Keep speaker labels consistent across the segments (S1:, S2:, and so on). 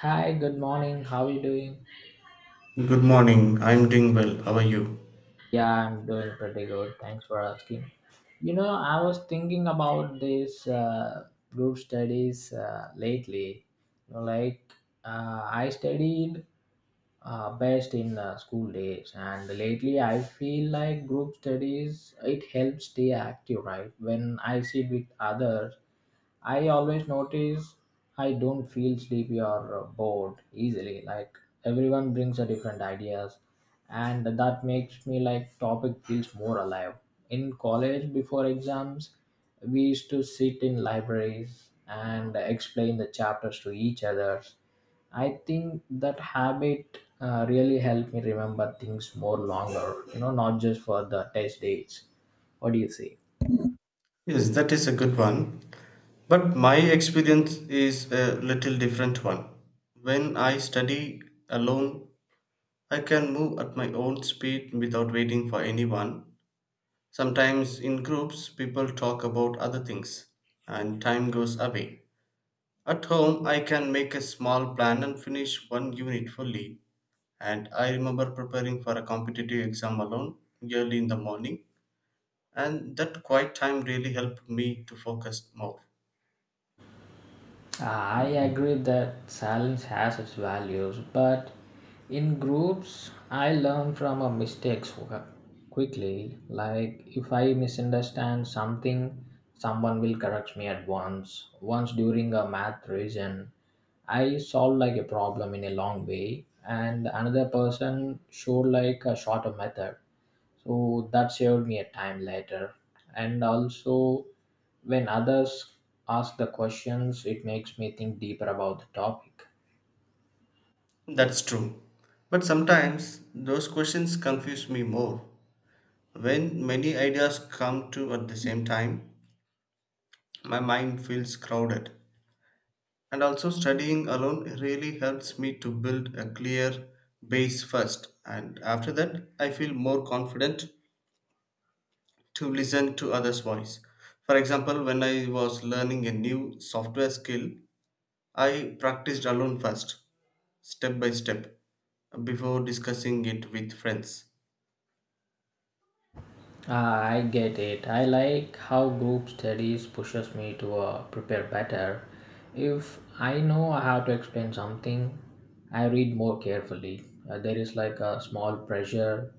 S1: Hi, good morning. How are you doing?
S2: Good morning. I'm doing well. How are you?
S1: Yeah, I'm doing pretty good. Thanks for asking. You know, I was thinking about this group studies lately. You know, like I studied best in school days, and lately I feel like group studies it helps stay active, right? When I sit with others, I always notice I don't feel sleepy or bored easily. Like everyone brings a different ideas, and that makes me like topic feels more alive. In college, before exams, we used to sit in libraries and explain the chapters to each other. I think that habit really helped me remember things more longer. You know, not just for the test dates. What do you say?
S2: Yes, that is a good one. But my experience is a little different one. When I study alone, I can move at my own speed without waiting for anyone. Sometimes in groups, people talk about other things and time goes away. At home, I can make a small plan and finish one unit fully. And I remember preparing for a competitive exam alone early in the morning and that quiet time really helped me to focus more.
S1: I agree that silence has its values, but in groups, I learn from our mistakes quickly. Like if I misunderstand something, someone will correct me at once. Once during a math reason, I solved like a problem in a long way, and another person showed like a shorter method so that saved me a time later and also when others ask the questions it makes me think deeper about the topic.
S2: That's true. But sometimes those questions confuse me more. When many ideas come to at the same time, my mind feels crowded. And also, studying alone really helps me to build a clear base first. And after that, I feel more confident to listen to others' voice. For example, when I was learning a new software skill, I practiced alone first step by step before discussing it with friends.
S1: Ah, I get it. I like how group studies pushes me to prepare better. If I know I have to explain something, I read more carefully. There is like a small pressure,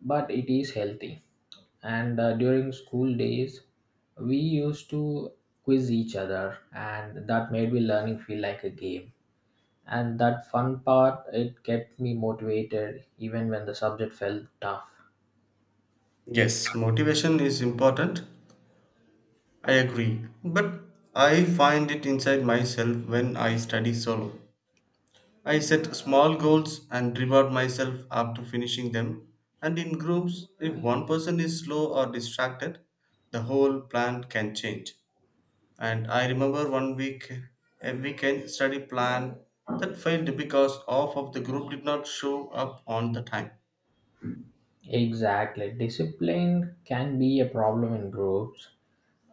S1: but it is healthy. And during school days, we used to quiz each other, and that made me learning feel like a game. And that fun part, it kept me motivated even when the subject felt tough.
S2: Yes, motivation is important. I agree. But I find it inside myself when I study solo. I set small goals and reward myself after finishing them. And in groups, if one person is slow or distracted, the whole plan can change. And I remember one week, a weekend study plan that failed because half of the group did not show up on the time.
S1: Exactly. Discipline can be a problem in groups,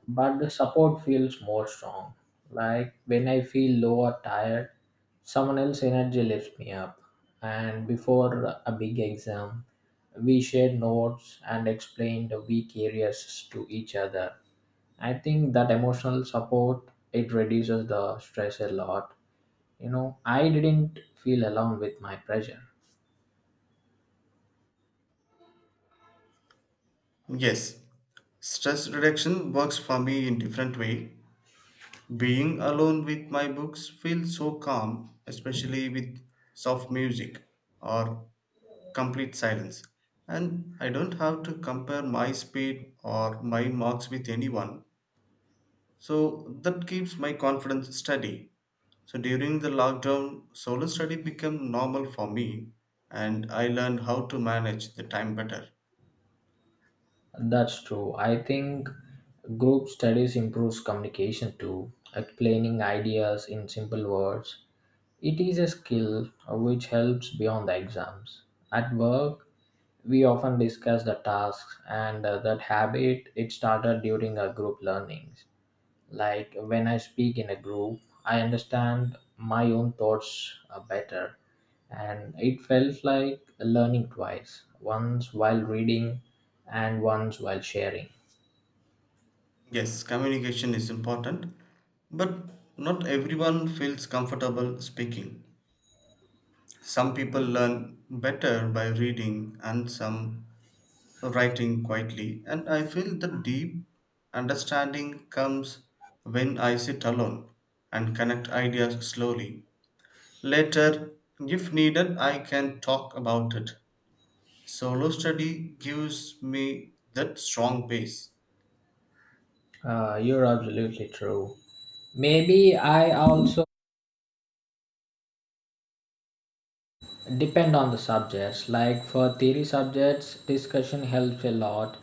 S1: but the support feels more strong. Like when I feel low or tired, someone else's energy lifts me up. And before a big exam, we shared notes and explained the weak areas to each other. I think that emotional support it reduces the stress a lot. You know, I didn't feel alone with my pressure.
S2: Yes, stress reduction works for me in different way. Being alone with my books feels so calm, especially with soft music or complete silence. And I don't have to compare my speed or my marks with anyone. So that keeps my confidence steady. So during the lockdown, solo study became normal for me and I learned how to manage the time better.
S1: That's true. I think group studies improves communication too, explaining ideas in simple words. It is a skill which helps beyond the exams. At work, we often discuss the tasks and that habit it started during our group learnings. Like when I speak in a group, I understand my own thoughts better, and it felt like learning twice once while reading and once while sharing.
S2: Yes, communication is important, but not everyone feels comfortable speaking. Some people learn better by reading and some writing quietly, and I feel the deep understanding comes when I sit alone and connect ideas slowly. Later, if needed, I can talk about it. Solo study gives me that strong base.
S1: You're absolutely true. Maybe I also. Depend on the subjects like for theory subjects discussion helps a lot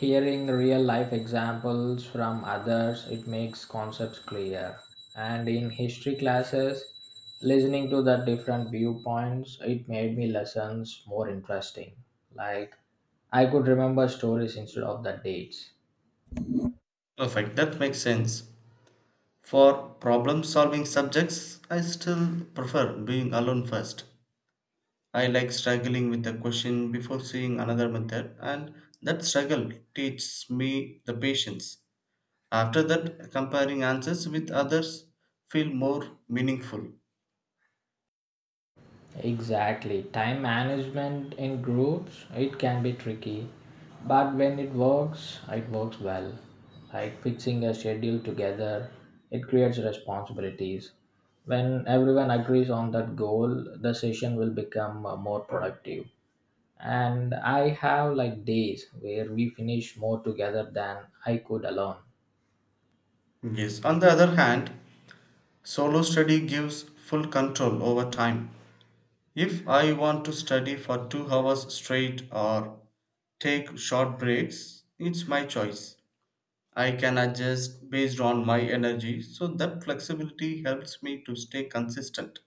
S1: hearing real life examples from others it makes concepts clear and in history classes listening to the different viewpoints it made me lessons more interesting like I could remember stories instead of the dates.
S2: Perfect, that makes sense. For problem solving subjects, I still prefer doing alone first. I like struggling with a question before seeing another method, and that struggle teaches me the patience. After that, comparing answers with others feel more meaningful.
S1: Exactly. Time management in groups, it can be tricky. But when it works well. Like fixing a schedule together, it creates responsibilities. When everyone agrees on that goal, the session will become more productive. And I have like days where we finish more together than I could alone.
S2: Yes, on the other hand, solo study gives full control over time. If I want to study for 2 hours straight or take short breaks, it's my choice. I can adjust based on my energy. So that flexibility helps me to stay consistent.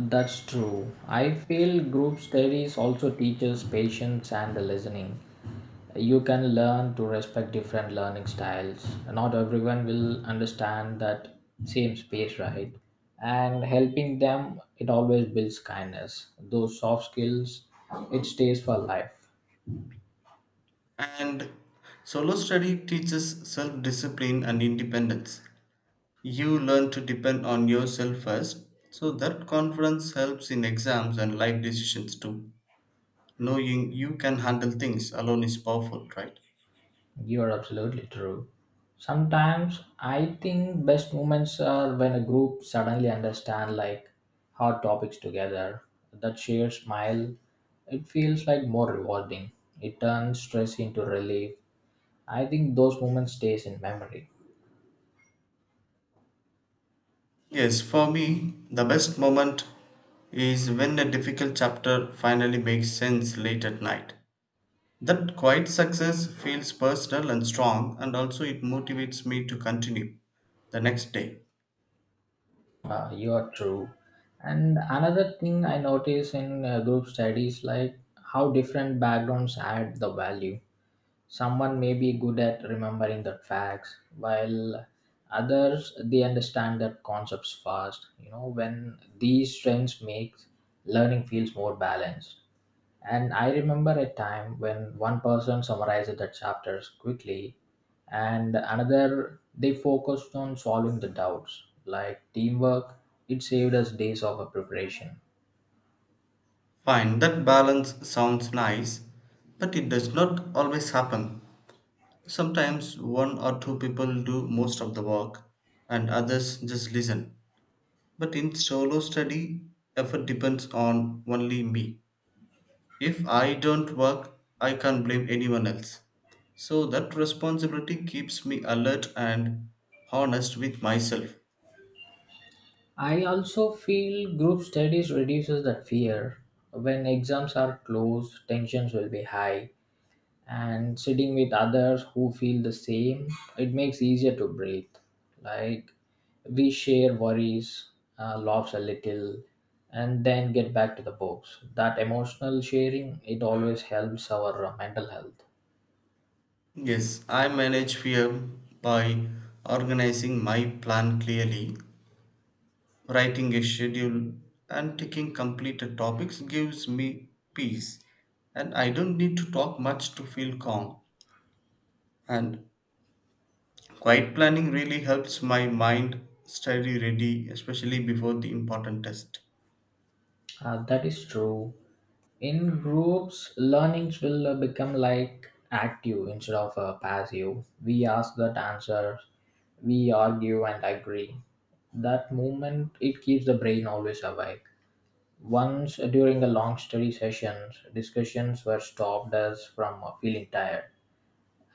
S1: That's true. I feel group studies also teaches patience and listening. You can learn to respect different learning styles. Not everyone will understand that same space, right? And helping them, it always builds kindness. Those soft skills, it stays for life.
S2: And solo study teaches self discipline and independence. You learn to depend on yourself first. So that confidence helps in exams and life decisions too. Knowing you can handle things alone is powerful, right?
S1: You are absolutely true. Sometimes I think best moments are when a group suddenly understand like hard topics together. That shared smile, it feels like more rewarding. It turns stress into relief. I think those moments stays in memory.
S2: Yes, for me, the best moment is when a difficult chapter finally makes sense late at night. That quiet success feels personal and strong, and also it motivates me to continue the next day.
S1: You are true. And another thing I notice in group studies like how different backgrounds add the value. Someone may be good at remembering the facts, while others they understand that concepts fast. You know, when these strengths makes learning feels more balanced. And I remember a time when one person summarized the chapters quickly, and another they focused on solving the doubts. Like teamwork, it saved us days of preparation.
S2: Fine, that balance sounds nice, but it does not always happen. Sometimes one or two people do most of the work, and others just listen. But in solo study, effort depends on only me. If I don't work, I can't blame anyone else. So that responsibility keeps me alert and honest with myself.
S1: I also feel group studies reduces that fear. When exams are close, tensions will be high, and sitting with others who feel the same, it makes easier to breathe. Like we share worries, laughs a little, and then get back to the books. That emotional sharing it always helps our mental health.
S2: Yes, I manage fear by organizing my plan clearly. Writing a schedule and taking completed topics gives me peace, and I don't need to talk much to feel calm. And quiet planning really helps my mind study ready, especially before the important test.
S1: That is true. In groups, learnings will become like active instead of passive. We ask that answer, we argue and agree. That movement it keeps the brain always awake. Once during a long study sessions, discussions were stopped us from feeling tired.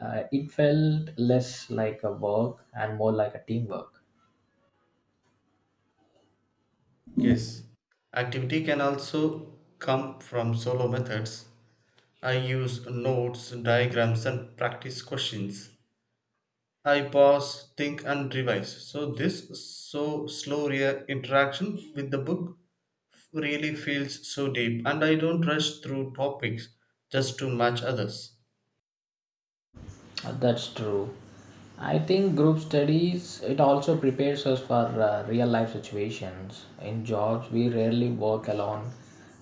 S1: It felt less like a work and more like a teamwork.
S2: Yes, activity can also come from solo methods. I use notes, diagrams, and practice questions. I pause, think, and revise. So this so slow interaction with the book really feels so deep, and I don't rush through topics just to match others.
S1: That's true. I think group studies it also prepares us for real life situations. In jobs, we rarely work alone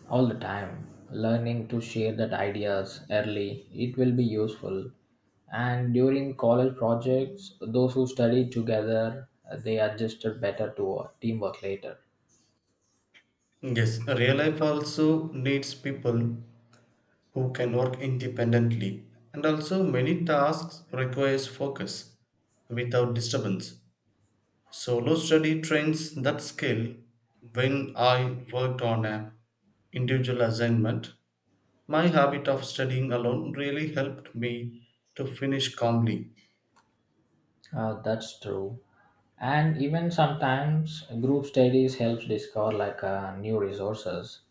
S1: all the time. Learning to share that ideas early, it will be useful. And during college projects, those who study together, they adjusted better to teamwork later.
S2: Yes, real life also needs people who can work independently, and also many tasks requires focus without disturbance. Solo study trains that skill. When I worked on a individual assignment, my habit of studying alone really helped me to finish calmly.
S1: That's true. And even sometimes group studies helps discover like new resources.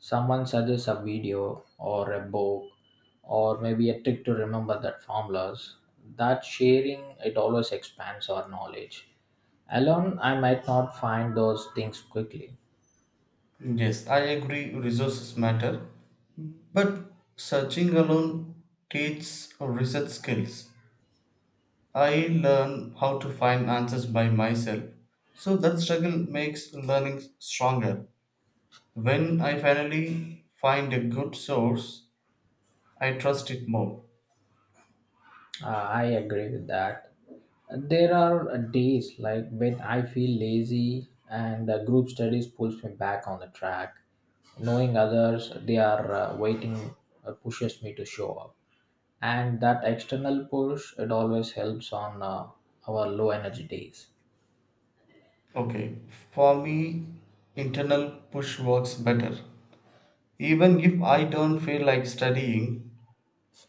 S1: Someone suggests a video or a book or maybe a trick to remember that formulas. That sharing it always expands our knowledge. Alone, I might not find those things quickly.
S2: Yes, I agree resources matter, but searching alone teaches research skills. I learn how to find answers by myself. So that struggle makes learning stronger. When I finally find a good source, I trust it more.
S1: I agree with that. There are days like when I feel lazy and group studies pulls me back on the track. Knowing others, they are waiting, pushes me to show up. And that external push, it always helps on our low energy days.
S2: Okay, for me, internal push works better. Even if I don't feel like studying,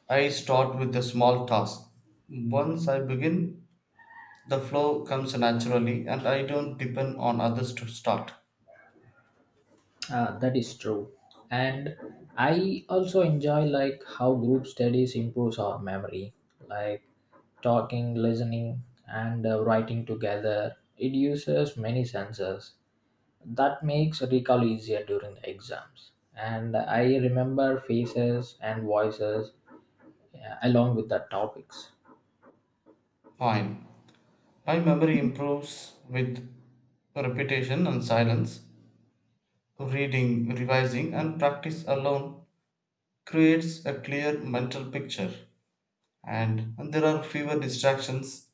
S2: I start with a small task. Once I begin, the flow comes naturally and I don't depend on others to start.
S1: That is true. And I also enjoy like how group studies improves our memory, like talking, listening, and writing together. It uses many senses that makes recall easier during the exams and I remember faces and voices, yeah, along with the topics.
S2: Fine. My memory improves with repetition and silence. Reading, revising, and practice alone creates a clear mental picture, and there are fewer distractions,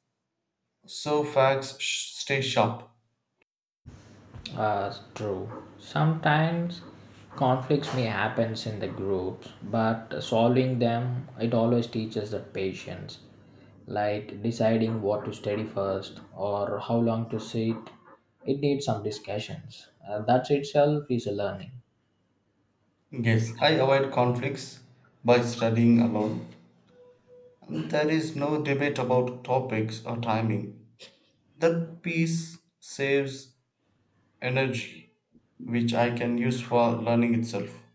S2: so facts stay sharp.
S1: True. Sometimes conflicts may happen in the groups but solving them it always teaches the patience like deciding what to study first or how long to sit it needs some discussions that itself is a learning.
S2: Yes, I avoid conflicts by studying alone. There is no debate about topics or timing. That piece saves energy, which I can use for learning itself.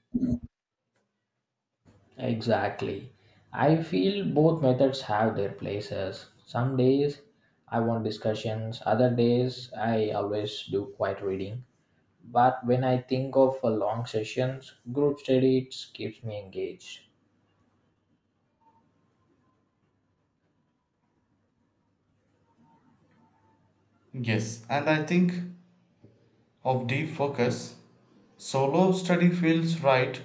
S1: Exactly. I feel both methods have their places. Some days I want discussions, other days I always do quiet reading. But when I think of a long sessions, group study it keeps me engaged.
S2: Yes, and I think of deep focus. Solo study feels right.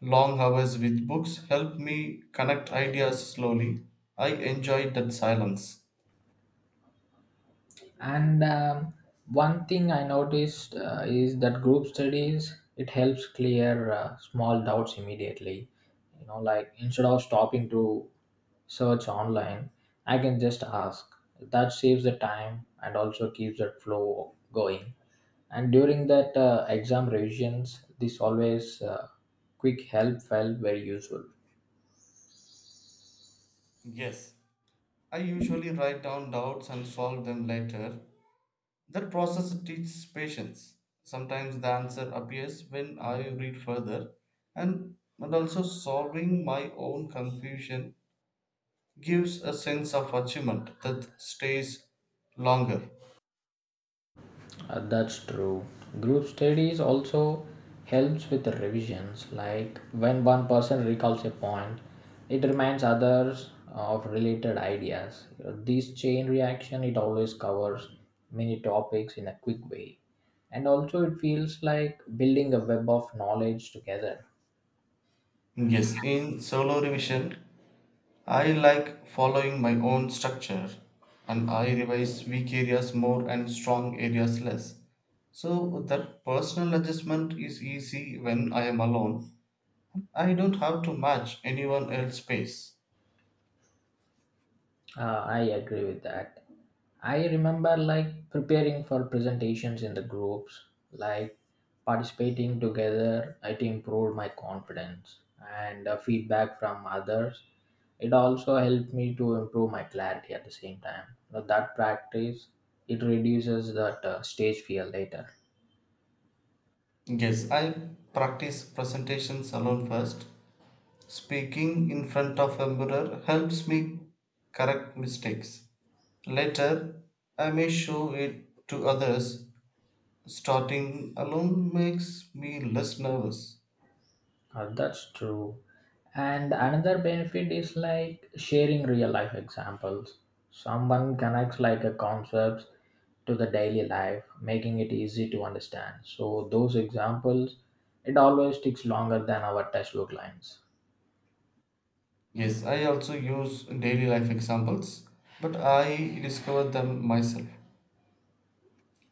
S2: Long hours with books help me connect ideas slowly. I enjoy that silence.
S1: And one thing I noticed is that group studies it helps clear small doubts immediately. You know, like instead of stopping to search online, I can just ask. That saves the time and also keeps the flow going. And during that exam revisions, this always quick help felt very useful.
S2: Yes, I usually write down doubts and solve them later. That process teaches patience. Sometimes the answer appears when I read further, and also solving my own confusion gives a sense of achievement that stays longer.
S1: That's true. Group studies also helps with the revisions. Like when one person recalls a point, it reminds others of related ideas. This chain reaction it always covers many topics in a quick way, and also it feels like building a web of knowledge together.
S2: Yes, in solo revision, I like following my own structure and I revise weak areas more and strong areas less. So that personal adjustment is easy when I am alone. I don't have to match anyone else's pace.
S1: I agree with that. I remember like preparing for presentations in the groups, like participating together, it improved my confidence and feedback from others. It also helped me to improve my clarity at the same time. Now, that practice, it reduces that stage fear later.
S2: Yes, I practice presentations alone first. Speaking in front of a mirror helps me correct mistakes. Later, I may show it to others. Starting alone makes me less nervous.
S1: That's true. And another benefit is like sharing real life examples. Someone connects like a concepts to the daily life, making it easy to understand. So those examples, it always takes longer than our textbook lines.
S2: Yes, I also use daily life examples, but I discover them myself.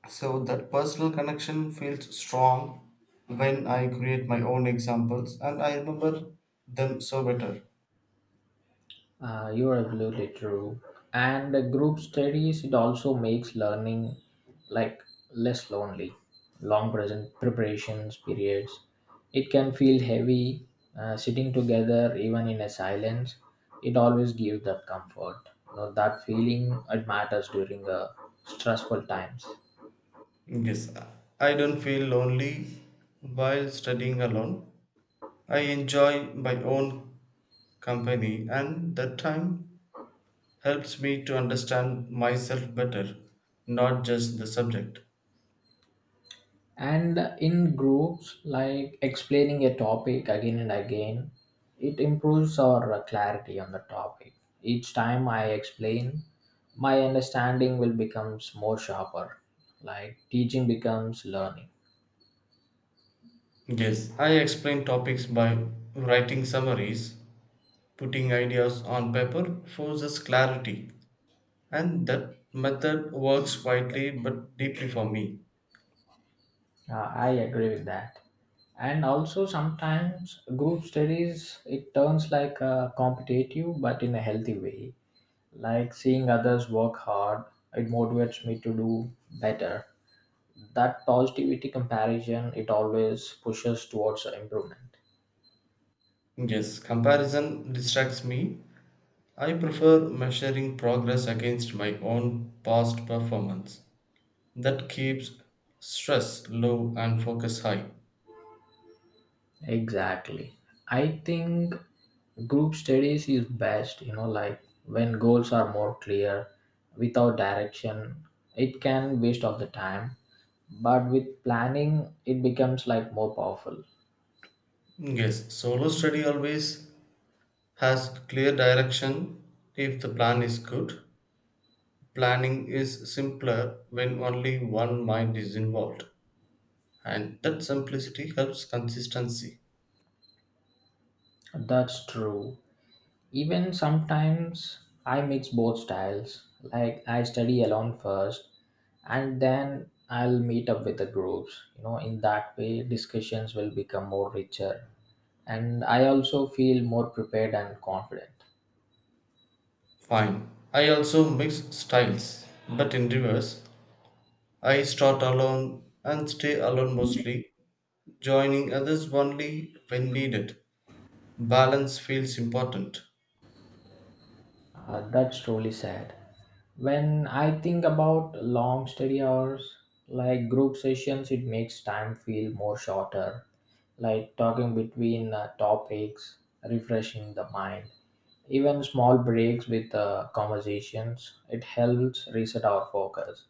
S2: So that personal connection feels strong when I create my own examples and I remember them so better.
S1: You're absolutely true. And the group studies, it also makes learning like less lonely. Long present preparations periods, it can feel heavy. Sitting together, even in a silence, it always gives that comfort. You know, that feeling it matters during stressful times.
S2: Yes, I don't feel lonely while studying alone. I enjoy my own company, and that time helps me to understand myself better, not just the subject.
S1: And in groups like explaining a topic again and again it improves our clarity on the topic each time I explain my understanding will becomes more sharper like teaching becomes learning.
S2: Yes, I explain topics by writing summaries, putting ideas on paper forces clarity, and that method works quietly but deeply for me.
S1: I agree with that and also sometimes group studies it turns like a competitive but in a healthy way like seeing others work hard it motivates me to do better that positivity comparison it always pushes towards improvement.
S2: Yes, comparison distracts me. I prefer measuring progress against my own past performance. That keeps stress low and focus high.
S1: Exactly. I think group studies is best you know like when goals are more clear without direction it can waste of the time but with planning it becomes like more powerful.
S2: Yes, solo study always has clear direction if the plan is good. Planning is simpler when only one mind is involved, and that simplicity helps consistency.
S1: That's true. Even sometimes I mix both styles. Like I study alone first and then I'll meet up with the groups. You know, in that way discussions will become more richer and I also feel more prepared and confident.
S2: Fine. I also mix styles, but in reverse. I start alone and stay alone mostly, joining others only when needed. Balance feels important.
S1: That's truly sad. When I think about long study hours, like group sessions, it makes time feel more shorter, like talking between topics, refreshing the mind. Even small breaks with conversations, it helps reset our focus.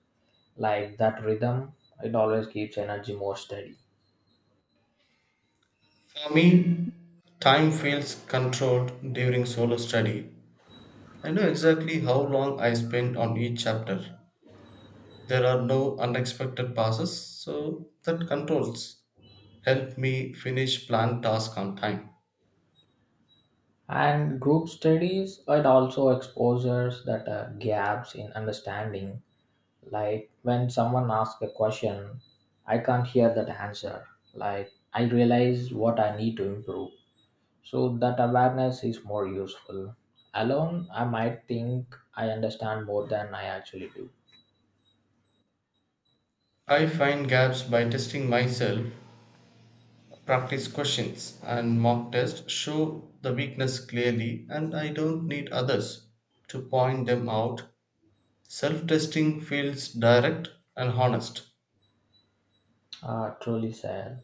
S1: Like that rhythm, it always keeps energy more steady.
S2: For me, time feels controlled during solo study. I know exactly how long I spend on each chapter. There are no unexpected passes, so that controls help me finish planned tasks on time.
S1: And group studies, it also exposes that gaps in understanding. Like when someone asks a question, I can't hear that answer. Like I realize what I need to improve. So that awareness is more useful. Alone, I might think I understand more than I actually do.
S2: I find gaps by testing myself, practice questions, and mock tests show the weakness clearly, and I don't need others to point them out. Self testing feels direct and honest.
S1: Ah, truly said.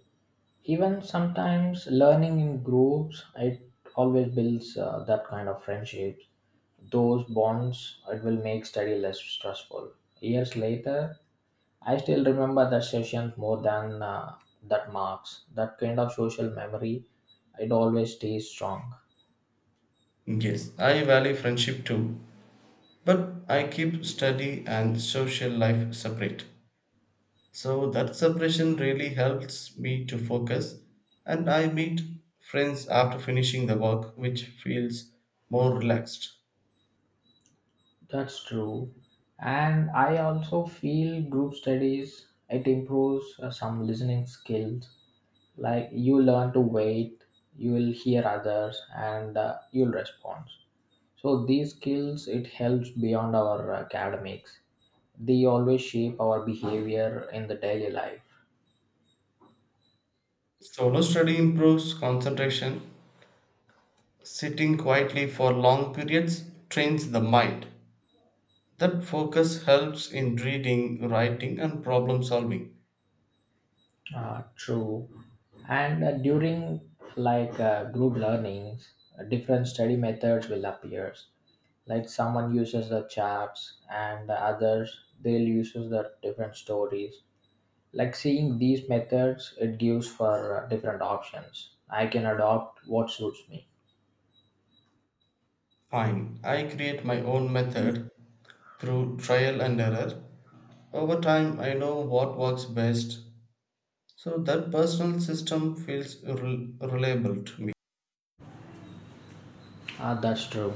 S1: Even sometimes learning in groups, it always builds that kind of friendships. Those bonds, it will make study less stressful. Years later, I still remember that session more than that marks. That kind of social memory, it always stays strong.
S2: Yes, I value friendship too, but I keep study and social life separate. So that separation really helps me to focus, and I meet friends after finishing the work, which feels more relaxed.
S1: That's true. And I also feel group studies, it improves some listening skills. Like you learn to wait, you will hear others, and you'll respond. So these skills, it helps beyond our academics. They always shape our behavior in the daily life.
S2: Solo study improves concentration. Sitting quietly for long periods trains the mind. That focus helps in reading, writing, and problem solving.
S1: True. And during group learnings, different study methods will appear. Like someone uses the charts and the others they'll uses the different stories. Like seeing these methods, it gives for different options. I can adopt what suits me.
S2: Fine. I create my own method through trial and error. Over time, I know what works best. So that personal system feels reliable to me.
S1: Ah, that's true.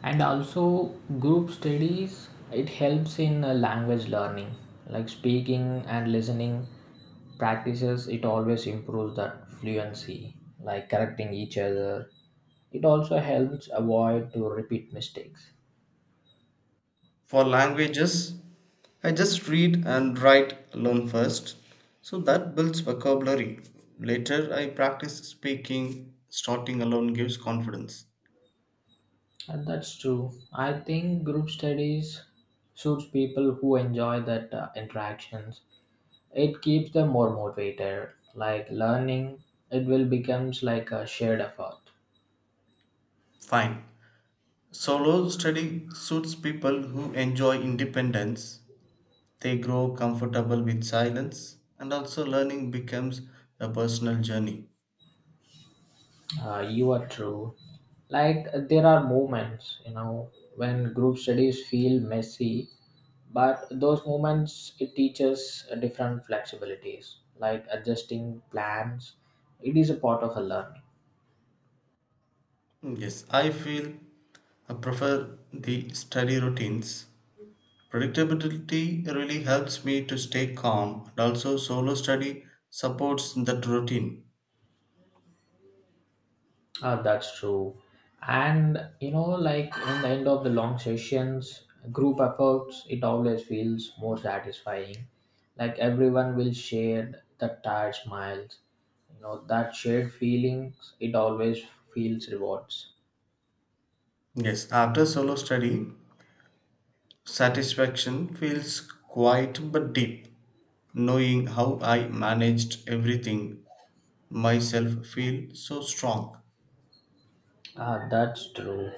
S1: And also, group studies it helps in language learning, like speaking and listening practices. It always improves that fluency, like correcting each other. It also helps avoid to repeat mistakes.
S2: For languages, I just read and write alone first. So that builds vocabulary. Later, I practice speaking. Starting alone gives confidence.
S1: And that's true. I think group studies suits people who enjoy that interactions. It keeps them more motivated. Like learning, it will becomes like a shared effort.
S2: Fine. Solo study suits people who enjoy independence. They grow comfortable with silence, and also learning becomes a personal journey.
S1: You are true. Like there are moments, you know, when group studies feel messy, but those moments it teaches different flexibilities, like adjusting plans. It is a part of a learning.
S2: Hmm, yes, I feel I prefer the study routines. Predictability really helps me to stay calm, and also solo study supports that routine.
S1: That's true. And you know, like in the end of the long sessions, group efforts, it always feels more satisfying. Like everyone will share the tired smiles. You know, that shared feelings, it always feels rewards.
S2: Yes, after solo study, satisfaction feels quiet but deep. Knowing how I managed everything myself feel so strong.
S1: That's true.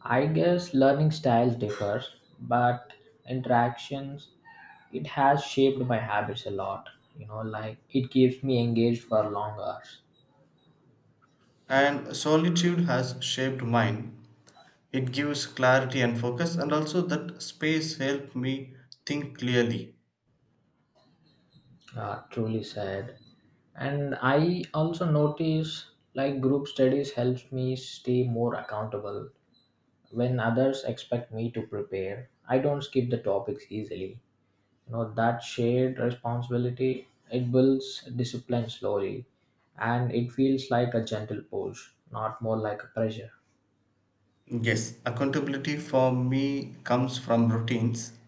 S1: I guess learning styles differ, but interactions, it has shaped my habits a lot. You know, like it keeps me engaged for long hours.
S2: And solitude has shaped mine. It gives clarity and focus, and also that space helped me think clearly.
S1: Ah, truly sad. And I also notice like group studies helps me stay more accountable. When others expect me to prepare, I don't skip the topics easily. You know that shared responsibility it builds discipline slowly, and it feels like a gentle push, not more like a pressure.
S2: Yes, accountability for me comes from routines.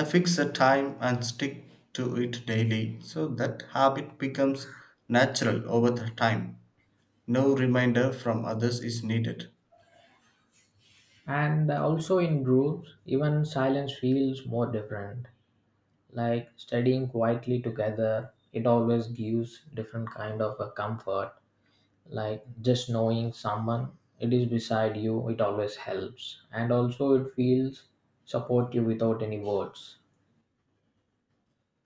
S2: I fix a time and stick to it daily, so that habit becomes natural over the time. No reminder from others is needed.
S1: And also in groups, even silence feels more different. Like studying quietly together it always gives different kind of a comfort, like just knowing someone it is beside you it always helps, and also it feels supportive without any words.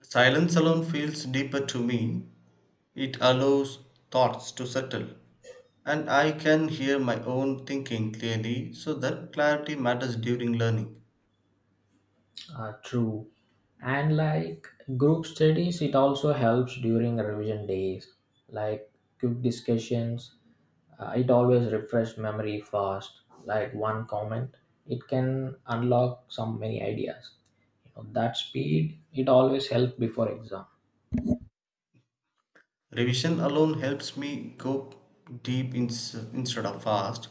S2: Silence alone feels deeper to me. It allows thoughts to settle, and I can hear my own thinking clearly, so that clarity matters during learning.
S1: True. And like group studies it also helps during revision days, like quick discussions, it always refresh memory fast, like one comment it can unlock some many ideas. That speed it always helps before exam.
S2: Revision alone helps me go deep instead of fast,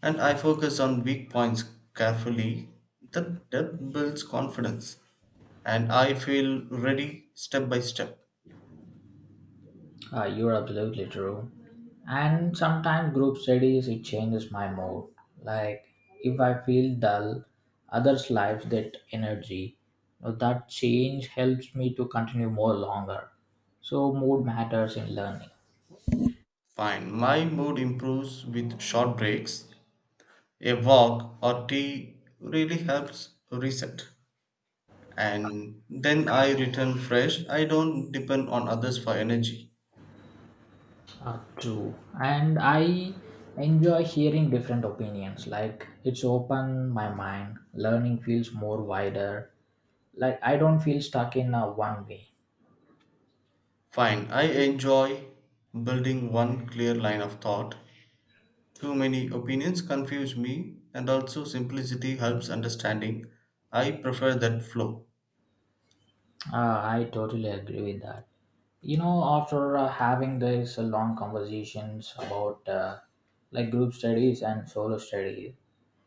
S2: and I focus on weak points carefully. That depth builds confidence, and I feel ready step by step.
S1: Ah, you're absolutely true. And sometimes group studies it changes my mood, like if I feel dull others lives that energy. Now, that change helps me to continue more longer, so mood matters in learning.
S2: Fine, my mood improves with short breaks. A walk or tea really helps reset, and then I return fresh. I don't depend on others for energy.
S1: Ah, true. And I enjoy hearing different opinions, like it's open my mind, learning feels more wider, like I don't feel stuck in a one way.
S2: Fine, I enjoy building one clear line of thought. Too many opinions confuse me, and also simplicity helps understanding. I prefer that flow.
S1: Uh, I totally agree with that. You know, after having these long conversations about like group studies and solo studies,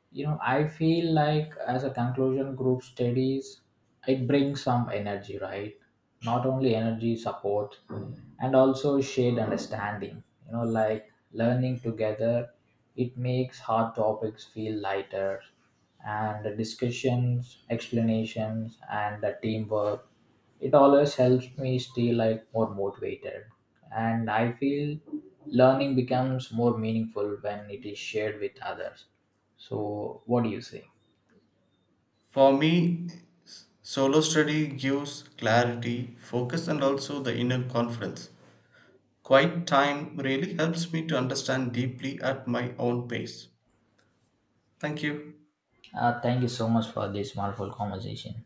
S1: you know I feel like as a conclusion group studies it brings some energy, right? Not only energy support and also shared understanding, you know like learning together it makes hard topics feel lighter, and the discussions explanations and the teamwork it always helps me stay like more motivated. And I feel learning becomes more meaningful when it is shared with others. So, what do you say?
S2: For me, solo study gives clarity, focus, and also the inner confidence. Quiet time really helps me to understand deeply at my own pace. Thank you.
S1: Thank you so much for this wonderful conversation.